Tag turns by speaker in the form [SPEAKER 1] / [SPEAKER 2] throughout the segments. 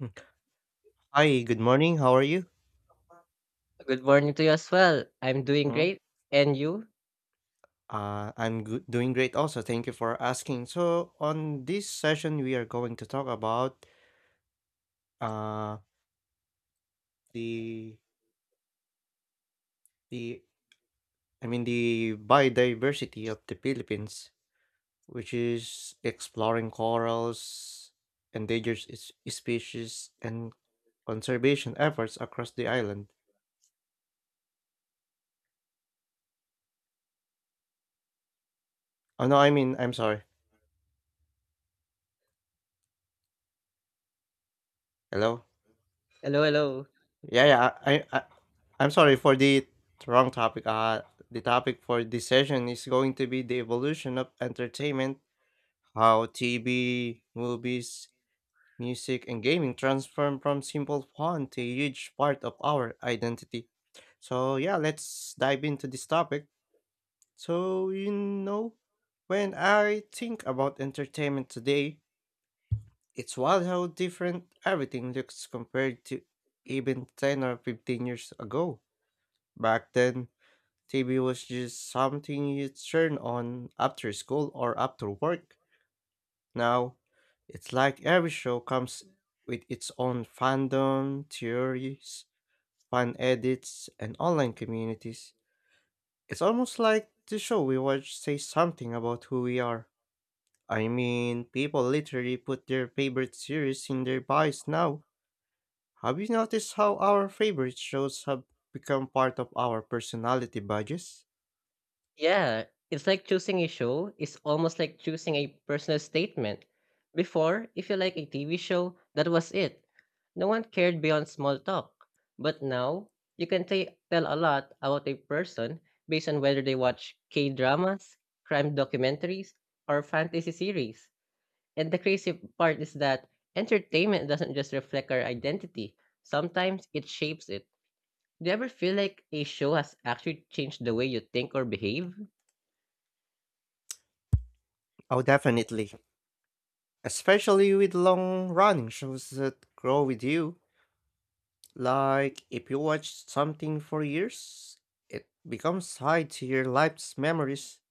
[SPEAKER 1] Mm. Hi, good morning. How are you?
[SPEAKER 2] Good morning to you as well. I'm doing
[SPEAKER 1] Mm,
[SPEAKER 2] great. And you?
[SPEAKER 1] I'm good, doing great also. Thank you for asking. So, on this session, we are going to talk about uh, the the I mean the biodiversity of the Philippines, which is exploring corals, endangered species, and conservation efforts across the island. Oh no, I mean I'm sorry. Hello.
[SPEAKER 2] Hello, hello.
[SPEAKER 1] Yeah, yeah. I'm sorry for the wrong topic. The topic for this session is going to be the evolution of entertainment, how TV, movies, music, and gaming transform from simple fun to a huge part of our identity. So yeah, let's dive into this topic. So you know, when I think about entertainment today, it's wild how different everything looks compared to even ten or fifteen years ago. Back then, TV was just something you turn on after school or after work. Now, it's like every show comes with its own fandom, theories, fan edits, and online communities. It's almost like the show we watch says something about who we are. I mean, people literally put their favorite series in their bios now. Have you noticed how our favorite shows have become part of our personality badges?
[SPEAKER 2] Yeah, it's like choosing a show. It's almost like choosing a personal statement. Before, if you like a TV show, that was it. No one cared beyond small talk. But now, you can tell a lot about a person based on whether they watch K dramas, crime documentaries, or fantasy series. And the crazy part is that entertainment doesn't just reflect our identity, sometimes it shapes it. Do you ever feel like a show has actually changed the way you think or behave?
[SPEAKER 1] Oh, definitely. Especially with long running shows that grow with you. Like, if you watch something for years, it becomes tied to your life's memories.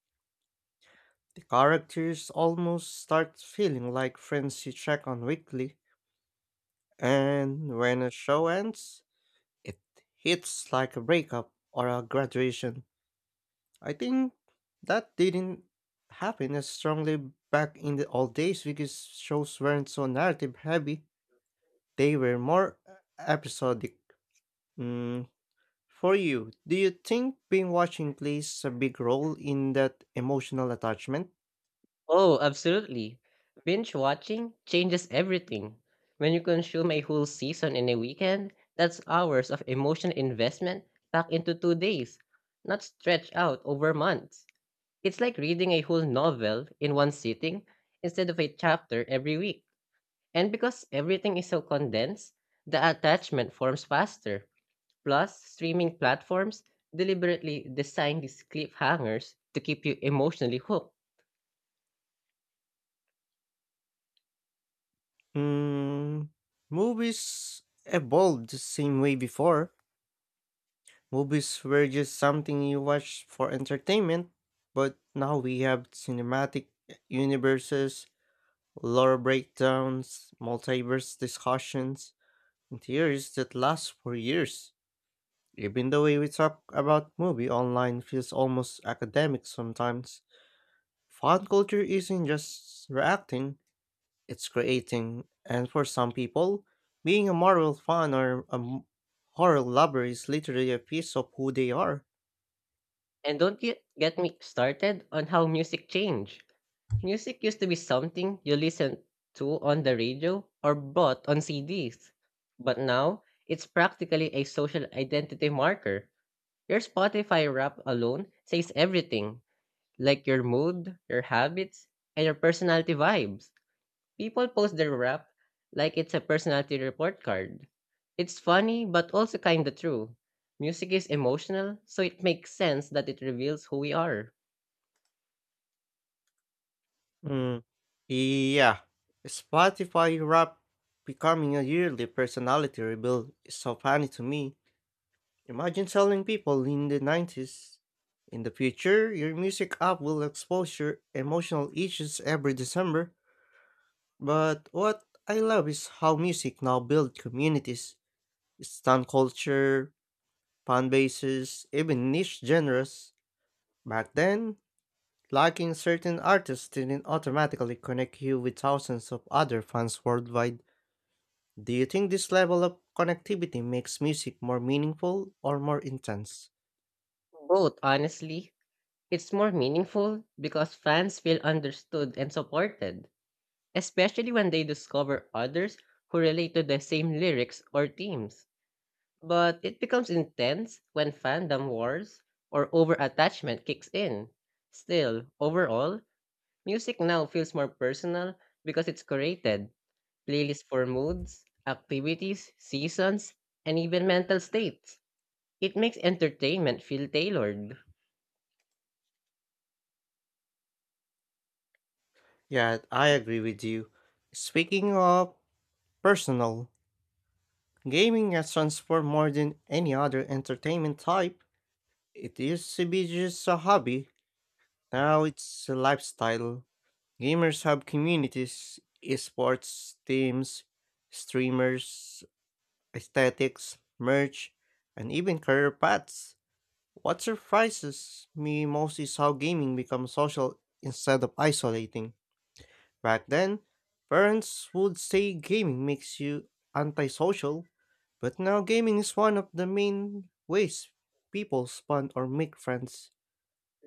[SPEAKER 1] The characters almost start feeling like friends you check on weekly. And when a show ends, it hits like a breakup or a graduation. I think that didn't happen as strongly back in the old days because shows weren't so narrative heavy. They were more episodic. Mm, for you, do you think being watching plays a big role in that emotional attachment?
[SPEAKER 2] Oh, absolutely. Binge watching changes everything. When you consume a whole season in a weekend, that's hours of emotional investment packed into 2 days, not stretched out over months. It's like reading a whole novel in one sitting instead of a chapter every week. And because everything is so condensed, the attachment forms faster. Plus, streaming platforms deliberately design these cliffhangers to keep you emotionally hooked.
[SPEAKER 1] Mm, movies evolved the same way before. Movies were just something you watch for entertainment, but now we have cinematic universes, lore breakdowns, multiverse discussions, and theories that last for years. Even the way we talk about movie online feels almost academic sometimes. Fan culture isn't just reacting, it's creating. And for some people, being a Marvel fan or a horror lover is literally a piece of who they are.
[SPEAKER 2] And don't get me started on how music changed. Music used to be something you listened to on the radio or bought on CDs. But now, it's practically a social identity marker. Your Spotify rap alone says everything, like your mood, your habits, and your personality vibes. People post their rap like it's a personality report card. It's funny, but also kinda true. Music is emotional, so it makes sense that it reveals who we are.
[SPEAKER 1] Mm. Yeah. Spotify rap becoming a yearly personality reveal is so funny to me. Imagine telling people in the 90s, in the future, your music app will expose your emotional issues every December. But what I love is how music now builds communities, stan culture, fan bases, even niche genres. Back then, liking certain artists didn't automatically connect you with thousands of other fans worldwide. Do you think this level of connectivity makes music more meaningful or more intense?
[SPEAKER 2] Both, honestly. It's more meaningful because fans feel understood and supported, especially when they discover others who relate to the same lyrics or themes. But it becomes intense when fandom wars or over attachment kicks in. Still, overall, music now feels more personal because it's curated. Playlists for moods, activities, seasons, and even mental states. It makes entertainment feel tailored.
[SPEAKER 1] Yeah, I agree with you. Speaking of personal, gaming has transformed more than any other entertainment type. It used to be just a hobby, now it's a lifestyle. Gamers have communities, esports teams, streamers, aesthetics, merch, and even career paths. What surprises me most is how gaming becomes social instead of isolating. Back then, parents would say gaming makes you antisocial, but now gaming is one of the main ways people bond or make friends.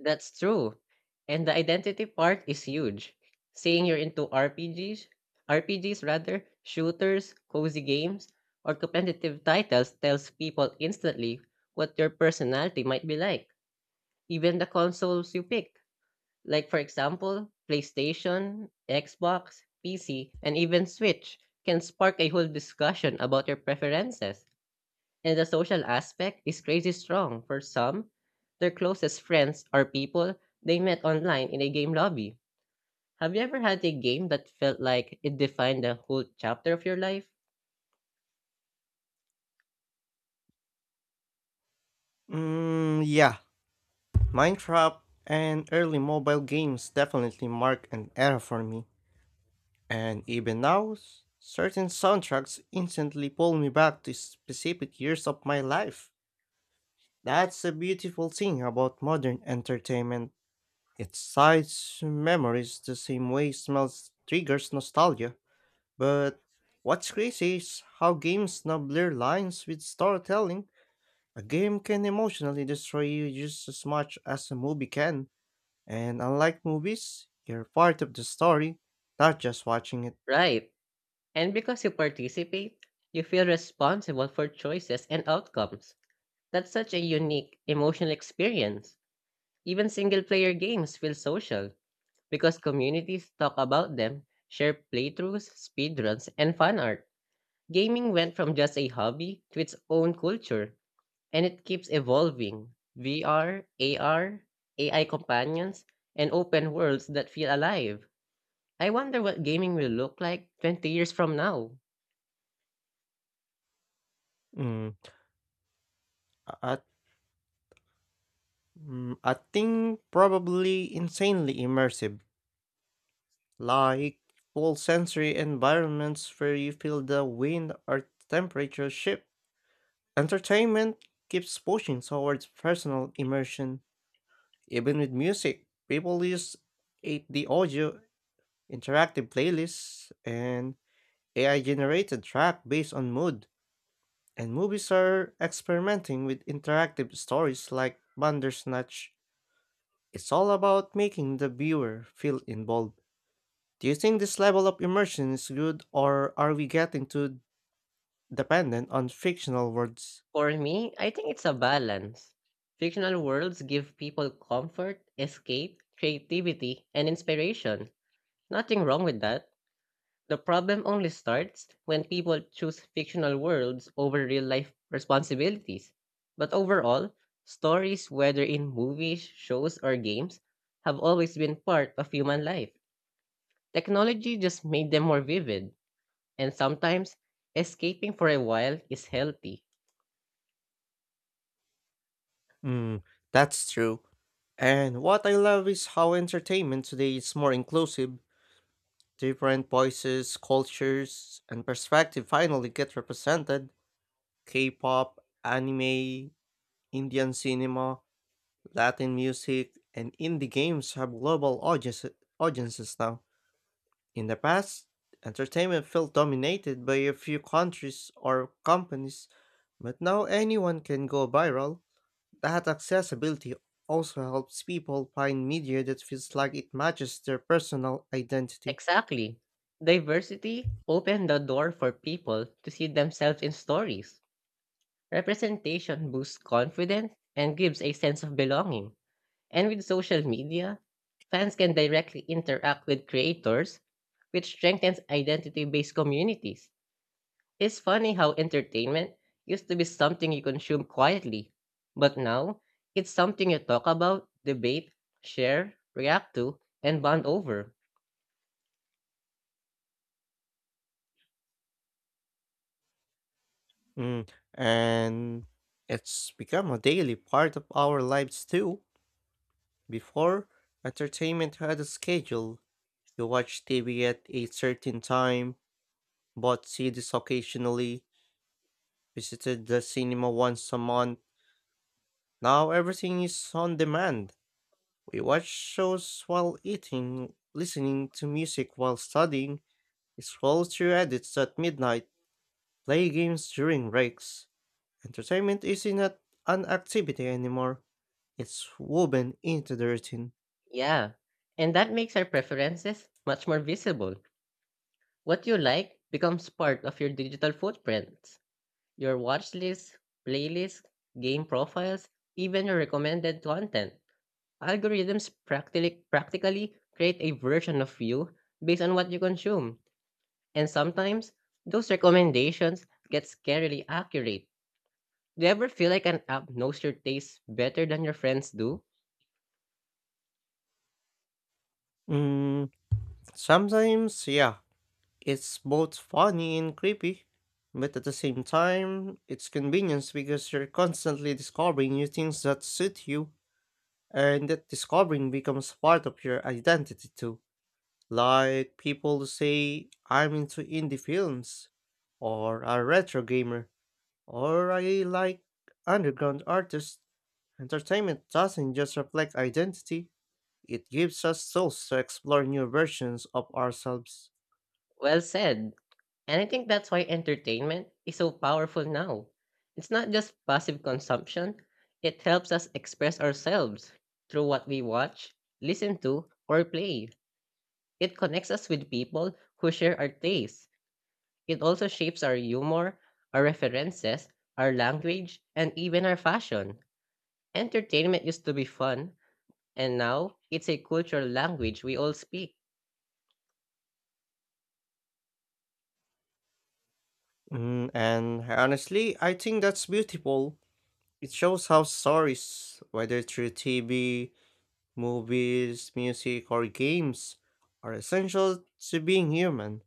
[SPEAKER 2] That's true. And the identity part is huge. Saying you're into RPGs, RPGs rather, shooters, cozy games, or competitive titles tells people instantly what your personality might be like, even the consoles you pick. Like for example, PlayStation, Xbox, PC, and even Switch, can spark a whole discussion about your preferences. And the social aspect is crazy strong for some. Their closest friends are people they met online in a game lobby. Have you ever had a game that felt like it defined a whole chapter of your life?
[SPEAKER 1] Mm, yeah, Minecraft and early mobile games definitely mark an era for me. And even now, certain soundtracks instantly pull me back to specific years of my life. That's the beautiful thing about modern entertainment. It cites memories the same way smells triggers nostalgia. But what's crazy is how games now blur lines with storytelling. A game can emotionally destroy you just as much as a movie can. And unlike movies, you're part of the story, not just watching it.
[SPEAKER 2] Right. And because you participate, you feel responsible for choices and outcomes. That's such a unique emotional experience. Even single player games feel social because communities talk about them, share playthroughs, speedruns, and fan art. Gaming went from just a hobby to its own culture, and it keeps evolving. VR, AR, AI companions, and open worlds that feel alive. I wonder what gaming will look like 20 years from now.
[SPEAKER 1] Mm, I, I think probably insanely immersive, like full sensory environments where you feel the wind or temperature shift. Entertainment keeps pushing towards personal immersion. Even with music, people use 8D audio, interactive playlists, and AI generated track based on mood. And movies are experimenting with interactive stories like Bandersnatch. It's all about making the viewer feel involved. Do you think this level of immersion is good, or are we getting too dependent on fictional words?
[SPEAKER 2] For me, I think it's a balance. Fictional worlds give people comfort, escape, creativity, and inspiration. Nothing wrong with that. The problem only starts when people choose fictional worlds over real life responsibilities. But overall, stories, whether in movies, shows, or games, have always been part of human life. Technology just made them more vivid, and sometimes escaping for a while is healthy.
[SPEAKER 1] Hmm, that's true. And what I love is how entertainment today is more inclusive. Different voices, cultures, and perspective finally get represented. K-pop, anime, Indian cinema, Latin music, and indie games have global audiences now. In the past, entertainment felt dominated by a few countries or companies, but now anyone can go viral. That accessibility also helps people find media that feels like it matches their personal identity.
[SPEAKER 2] Exactly. Diversity opened the door for people to see themselves in stories. Representation boosts confidence and gives a sense of belonging. And with social media, fans can directly interact with creators, which strengthens identity based communities. It's funny how entertainment used to be something you consume quietly, but now it's something you talk about, debate, share, react to, and bond over.
[SPEAKER 1] Mm, and it's become a daily part of our lives too. Before, entertainment had a schedule. You watched TV at a certain time, bought CDs occasionally, visited the cinema once a month. Now everything is on demand. We watch shows while eating, listening to music while studying, scroll through edits at midnight, play games during breaks. Entertainment isn't an activity anymore. It's woven into the routine.
[SPEAKER 2] Yeah, and that makes our preferences much more visible. What you like becomes part of your digital footprint. Your watch list, playlist, game profiles, even your recommended content. Algorithms practically create a version of you based on what you consume. And sometimes, those recommendations get scarily accurate. Do you ever feel like an app knows your tastes better than your friends do?
[SPEAKER 1] Mm, sometimes, yeah, it's both funny and creepy, but at the same time, it's convenience because you're constantly discovering new things that suit you, and that discovering becomes part of your identity too. Like people say I'm into indie films, or a retro gamer, or I like underground artists. Entertainment doesn't just reflect identity, it gives us tools to explore new versions of ourselves.
[SPEAKER 2] Well said. And I think that's why entertainment is so powerful now. It's not just passive consumption, it helps us express ourselves through what we watch, listen to, or play. It connects us with people who share our tastes. It also shapes our humor, our references, our language, and even our fashion. Entertainment used to be fun, and now it's a cultural language we all speak.
[SPEAKER 1] Mm, and honestly, I think that's beautiful. It shows how stories, whether through TV, movies, music, or games, are essential to being human.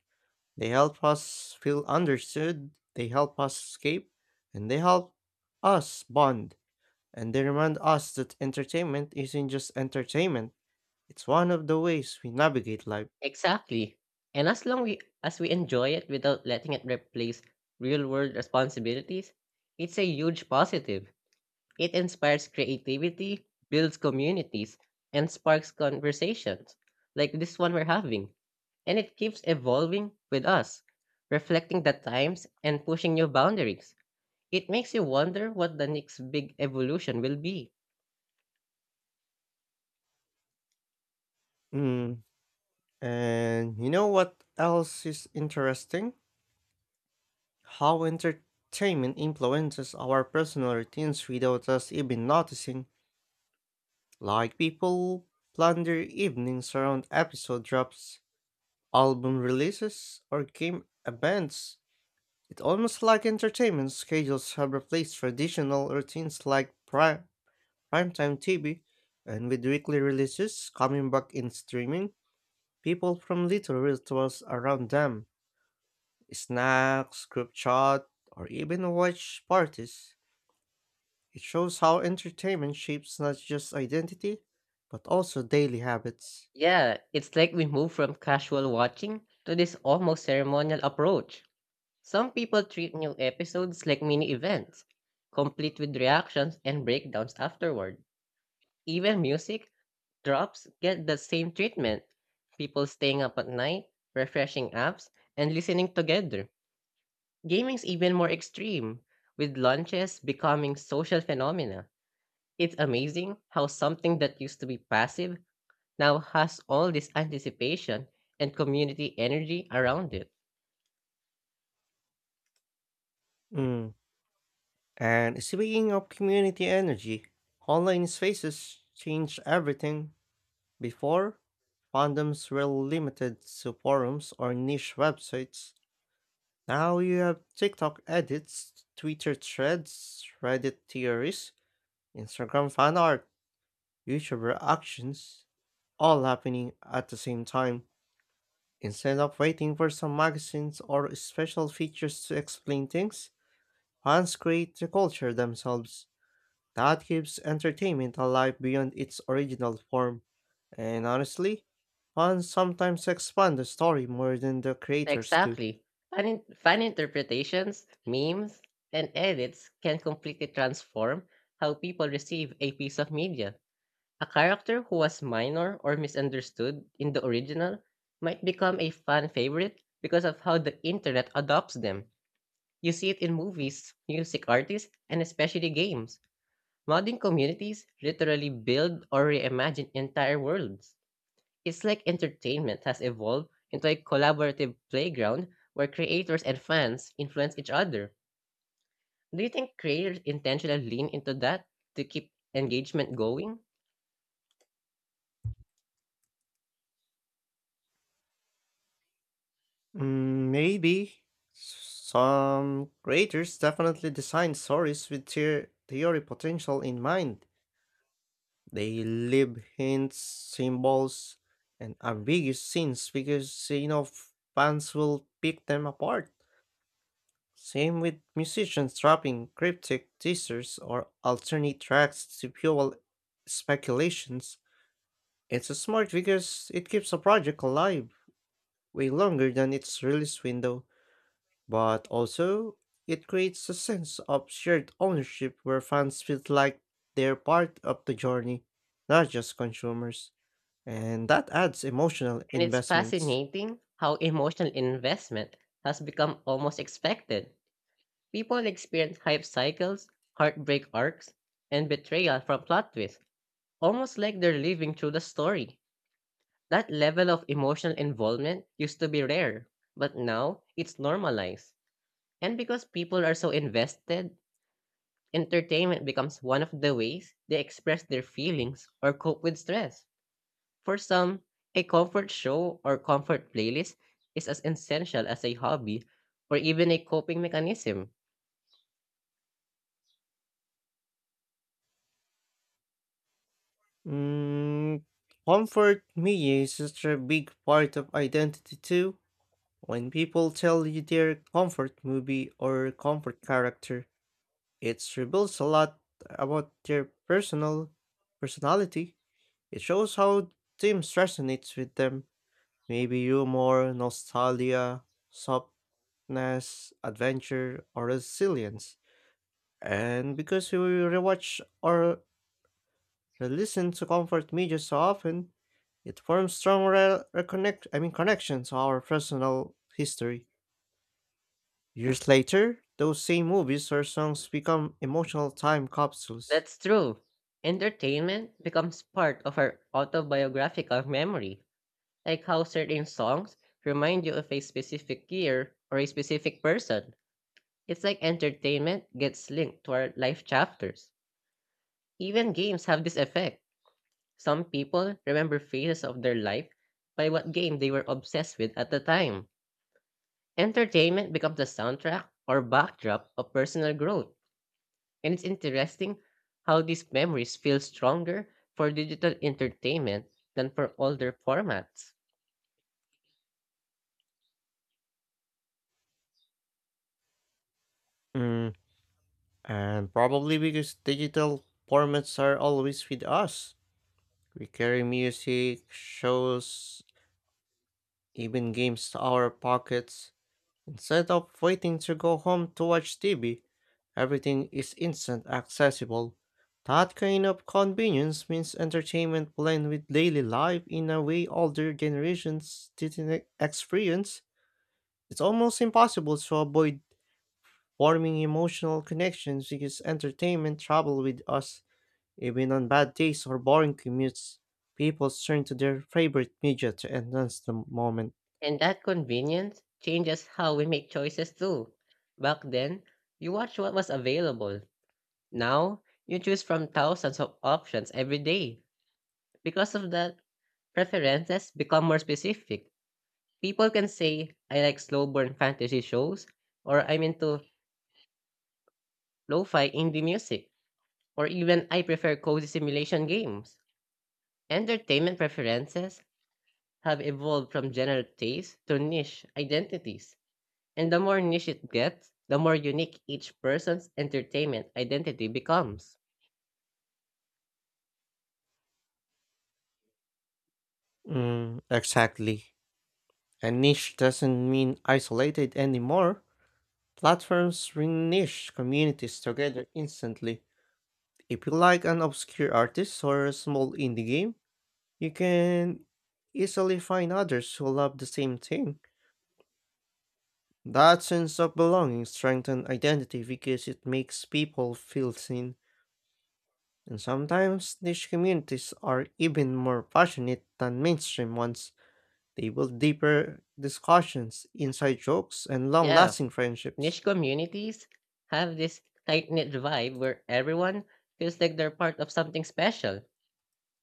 [SPEAKER 1] They help us feel understood, they help us escape, and they help us bond. And they remind us that entertainment isn't just entertainment, it's one of the ways we navigate life.
[SPEAKER 2] Exactly. And as we enjoy it without letting it replace real world responsibilities, it's a huge positive. It inspires creativity, builds communities, and sparks conversations like this one we're having. And it keeps evolving with us, reflecting the times and pushing new boundaries. It makes you wonder what the next big evolution will be.
[SPEAKER 1] Mm. And you know what else is interesting? How entertainment influences our personal routines without us even noticing. Like people plan their evenings around episode drops, album releases, or game events. It's almost like entertainment schedules have replaced traditional routines like primetime TV, and with weekly releases coming back in streaming, people from little rituals around them, snacks, group chat, or even watch parties. It shows how entertainment shapes not just identity, but also daily habits.
[SPEAKER 2] Yeah, it's like we move from casual watching to this almost ceremonial approach. Some people treat new episodes like mini events, complete with reactions and breakdowns afterward. Even music drops get the same treatment. People staying up at night, refreshing apps, and listening together. Gaming's even more extreme, with launches becoming social phenomena. It's amazing how something that used to be passive now has all this anticipation and community energy around it.
[SPEAKER 1] Mm. And speaking of community energy, online spaces change everything. Before, fandoms were limited to forums or niche websites. Now you have TikTok edits, Twitter threads, Reddit theories, Instagram fan art, YouTube reactions, all happening at the same time. Instead of waiting for some magazines or special features to explain things, fans create the culture themselves. That keeps entertainment alive beyond its original form. And honestly, fans sometimes expand the story more than the creators do.
[SPEAKER 2] Exactly. Fan interpretations, memes, and edits can completely transform how people receive a piece of media. A character who was minor or misunderstood in the original might become a fan favorite because of how the internet adopts them. You see it in movies, music artists, and especially games. Modding communities literally build or reimagine entire worlds. It's like entertainment has evolved into a collaborative playground where creators and fans influence each other. Do you think creators intentionally lean into that to keep engagement going?
[SPEAKER 1] Mm, maybe. Some creators definitely design stories with their theory potential in mind. They leave hints, symbols, and ambiguous scenes because, you know, fans will pick them apart. Same with musicians dropping cryptic teasers or alternate tracks to fuel speculations. It's smart because it keeps a project alive way longer than its release window, but also it creates a sense of shared ownership where fans feel like they're part of the journey, not just consumers. And that adds emotional
[SPEAKER 2] And it's
[SPEAKER 1] investments.
[SPEAKER 2] fascinating how emotional investment has become almost expected. People experience hype cycles, heartbreak arcs, and betrayal from plot twists, almost like they're living through the story. That level of emotional involvement used to be rare, but now it's normalized. And because people are so invested, entertainment becomes one of the ways they express their feelings or cope with stress. For some, a comfort show or comfort playlist is as essential as a hobby or even a coping mechanism.
[SPEAKER 1] Mm, comfort media is such a big part of identity too. When people tell you their comfort movie or comfort character, it reveals a lot about their personality. It shows how themes resonates with them. Maybe humor, nostalgia, softness, adventure, or resilience. And because we rewatch or listen to comfort media so often, it forms strong re- reconnect I mean connections to our personal history. Years later, those same movies or songs become emotional time capsules.
[SPEAKER 2] That's true. Entertainment becomes part of our autobiographical memory, like how certain songs remind you of a specific year or a specific person. It's like entertainment gets linked to our life chapters. Even games have this effect. Some people remember phases of their life by what game they were obsessed with at the time. Entertainment becomes the soundtrack or backdrop of personal growth, and it's interesting how these memories feel stronger for digital entertainment than for older formats.
[SPEAKER 1] Mm, and probably because digital formats are always with us. We carry music, shows, even games to our pockets. Instead of waiting to go home to watch TV, everything is instant accessible. That kind of convenience means entertainment blend with daily life in a way older generations didn't experience. It's almost impossible to avoid forming emotional connections because entertainment travel with us. Even on bad days or boring commutes, people turn to their favorite media to enhance the moment.
[SPEAKER 2] And that convenience changes how we make choices too. Back then, you watched what was available. Now, you choose from thousands of options every day. Because of that, preferences become more specific. People can say, I like slow burn fantasy shows, or I'm into lo fi indie music, or even I prefer cozy simulation games. Entertainment preferences have evolved from general taste to niche identities. And the more niche it gets, the more unique each person's entertainment identity becomes.
[SPEAKER 1] Mm, exactly. And niche doesn't mean isolated anymore. Platforms bring niche communities together instantly. If you like an obscure artist or a small indie game, you can easily find others who love the same thing. That sense of belonging strengthens identity because it makes people feel seen, and sometimes niche communities are even more passionate than mainstream ones. They build deeper discussions, inside jokes, and long
[SPEAKER 2] Yeah,
[SPEAKER 1] lasting friendships.
[SPEAKER 2] niche communities have this tight knit vibe where everyone feels like they're part of something special.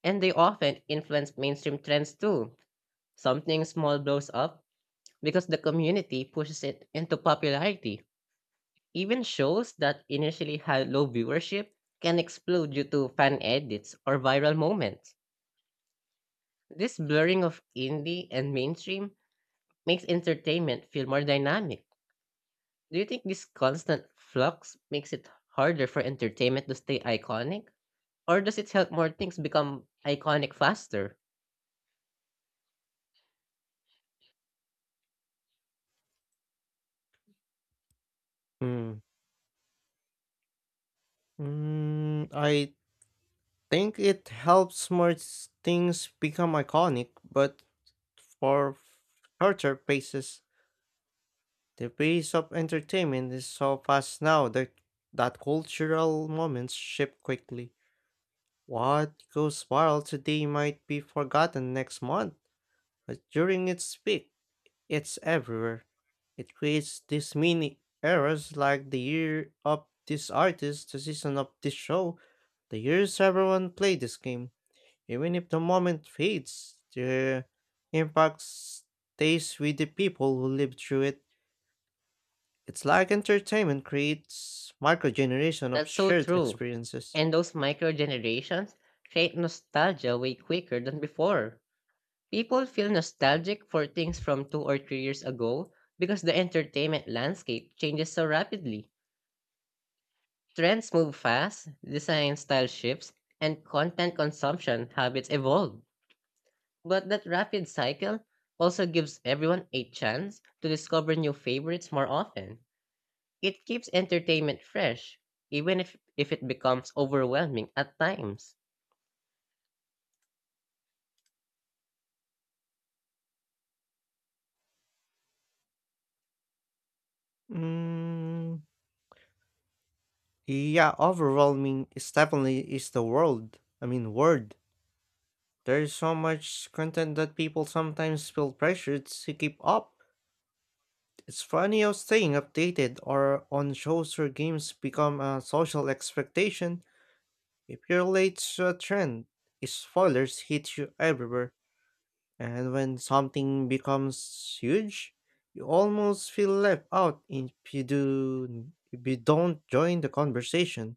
[SPEAKER 2] And they often influence mainstream trends too. Something small blows up because the community pushes it into popularity. Even shows that initially had low viewership can explode due to fan edits or viral moments. This blurring of indie and mainstream makes entertainment feel more dynamic. Do you think this constant flux makes it harder for entertainment to stay iconic? Or does it help more things become iconic faster?
[SPEAKER 1] Hmm. Mm, I think it helps more things become iconic, but for shorter basis. The pace of entertainment is so fast now that cultural moments shift quickly. What goes viral today might be forgotten next month, but during its peak, it's everywhere. It creates these mini eras like the year of this artist, the season of this show, the years everyone played this game. Even if the moment fades, the impact stays with the people who lived through it. It's like entertainment creates micro generation of
[SPEAKER 2] That's so
[SPEAKER 1] shared
[SPEAKER 2] true.
[SPEAKER 1] experiences.
[SPEAKER 2] And those micro generations create nostalgia way quicker than before. People feel nostalgic for things from 2 or 3 years ago because the entertainment landscape changes so rapidly. Trends move fast, design style shifts, and content consumption habits evolve. But that rapid cycle also gives everyone a chance to discover new favorites more often. It keeps entertainment fresh, even if it becomes overwhelming at times.
[SPEAKER 1] Mm, yeah, overwhelming is definitely is the world. I mean, word. There is so much content that people sometimes feel pressured to keep up. It's funny how staying updated or on shows or games become a social expectation. If you're late to a trend, spoilers hit you everywhere. And when something becomes huge, you almost feel left out if you don't join the conversation.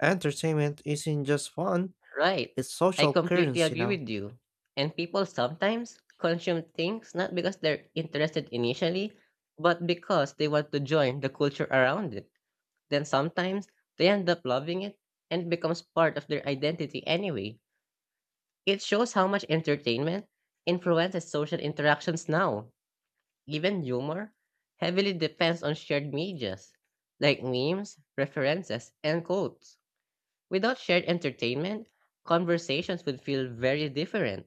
[SPEAKER 1] Entertainment isn't just fun,
[SPEAKER 2] Right.
[SPEAKER 1] it's
[SPEAKER 2] I
[SPEAKER 1] social
[SPEAKER 2] completely
[SPEAKER 1] currency
[SPEAKER 2] agree
[SPEAKER 1] now.
[SPEAKER 2] with you. And people sometimes consume things not because they're interested initially, but because they want to join the culture around it. Then sometimes they end up loving it and it becomes part of their identity anyway. It shows how much entertainment influences social interactions now. Even humor heavily depends on shared medias like memes, references, and quotes. Without shared entertainment, conversations would feel very different.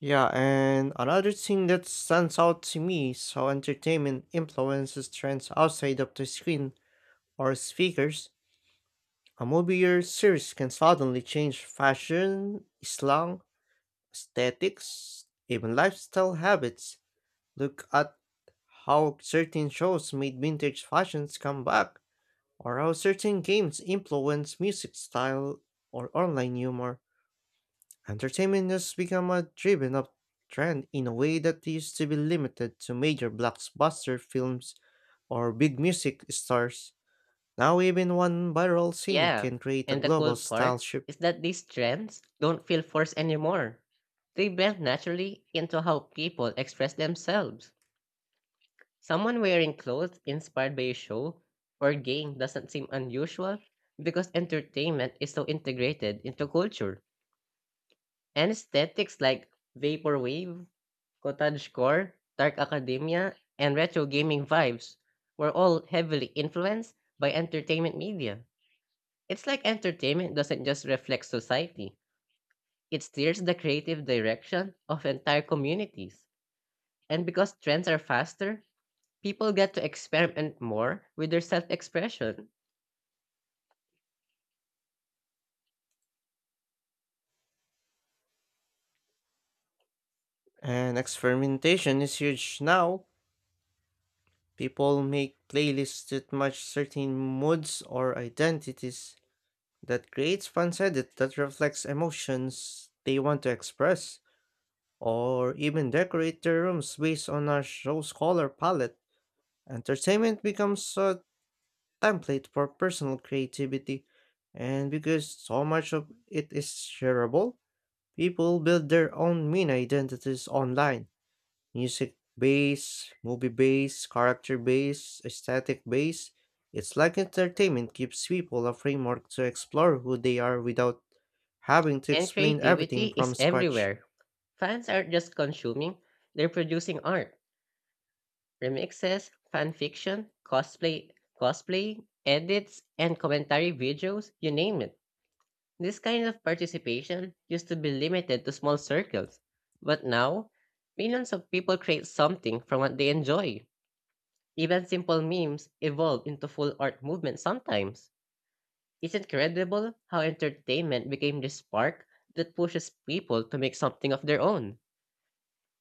[SPEAKER 1] Yeah, and another thing that stands out to me is how entertainment influences trends outside of the screen or speakers. A movie or series can suddenly change fashion, slang, aesthetics, even lifestyle habits. Look at how certain shows made vintage fashions come back, or how certain games influence music style or online humor. Entertainment has become a driven up trend in a way that used to be limited to major blockbuster films or big music stars. Now, even one viral scene
[SPEAKER 2] Yeah,
[SPEAKER 1] can create a
[SPEAKER 2] and the
[SPEAKER 1] global
[SPEAKER 2] cool
[SPEAKER 1] style
[SPEAKER 2] part
[SPEAKER 1] shift.
[SPEAKER 2] is that these trends don't feel forced anymore. They blend naturally into how people express themselves. Someone wearing clothes inspired by a show or game doesn't seem unusual because entertainment is so integrated into culture. Aesthetics like vaporwave, Cottagecore, Dark Academia, and retro gaming vibes were all heavily influenced by entertainment media. It's like entertainment doesn't just reflect society, it steers the creative direction of entire communities. And because trends are faster, people get to experiment more with their self expression.
[SPEAKER 1] And experimentation is huge now. People make playlists that match certain moods or identities. That creates fans edit that reflects emotions they want to express, or even decorate their rooms based on a show's color palette. Entertainment becomes a template for personal creativity, and because so much of it is shareable, people build their own mini identities online. Music based, movie based, character based, aesthetic based. It's like entertainment gives people a framework to explore who they are without having to
[SPEAKER 2] And
[SPEAKER 1] explain
[SPEAKER 2] creativity
[SPEAKER 1] everything from
[SPEAKER 2] is
[SPEAKER 1] scratch.
[SPEAKER 2] everywhere. Fans aren't just consuming, they're producing art remixes, fanfiction, cosplay, edits, and commentary videos, you name it. This kind of participation used to be limited to small circles, but now millions of people create something from what they enjoy. Even simple memes evolve into full art movements sometimes. It's incredible how entertainment became the spark that pushes people to make something of their own.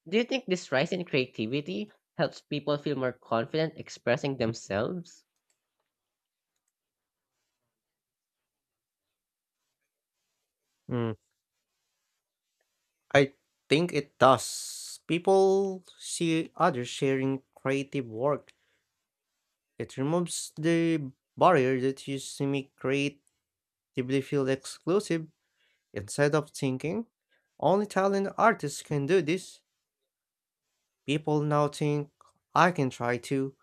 [SPEAKER 2] Do you think this rise in creativity helps people feel more confident expressing themselves?
[SPEAKER 1] Mm, I think it does. People see others sharing creative work. It removes the barrier that used to make creatively feel exclusive. Instead of thinking, only talented artists can do this, people now think, I can try too,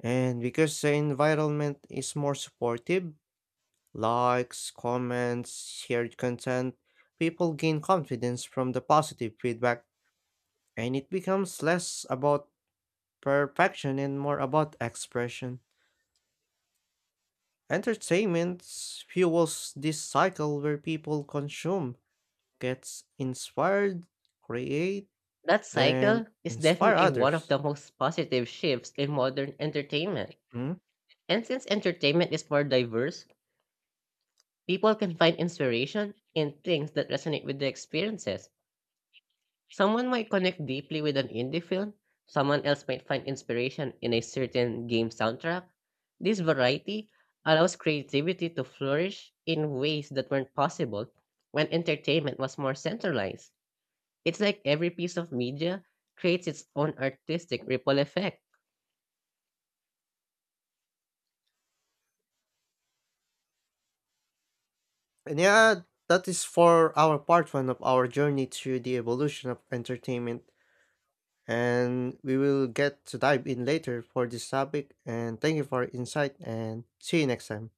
[SPEAKER 1] and because the environment is more supportive, likes, comments, shared content, people gain confidence from the positive feedback, and it becomes less about perfection and more about expression. Entertainment fuels this cycle where people consume, gets inspired, create,
[SPEAKER 2] That
[SPEAKER 1] then
[SPEAKER 2] cycle is
[SPEAKER 1] inspire
[SPEAKER 2] definitely one of
[SPEAKER 1] others.
[SPEAKER 2] the most positive shifts in modern entertainment.
[SPEAKER 1] Hmm?
[SPEAKER 2] And since entertainment is more diverse, people can find inspiration in things that resonate with their experiences. Someone might connect deeply with an indie film, someone else might find inspiration in a certain game soundtrack. This variety allows creativity to flourish in ways that weren't possible when entertainment was more centralized. It's like every piece of media creates its own artistic ripple effect
[SPEAKER 1] And yeah, that is for our part one of our journey through the evolution of entertainment. And we will get to dive in later for this topic. And thank you for your insight and see you next time.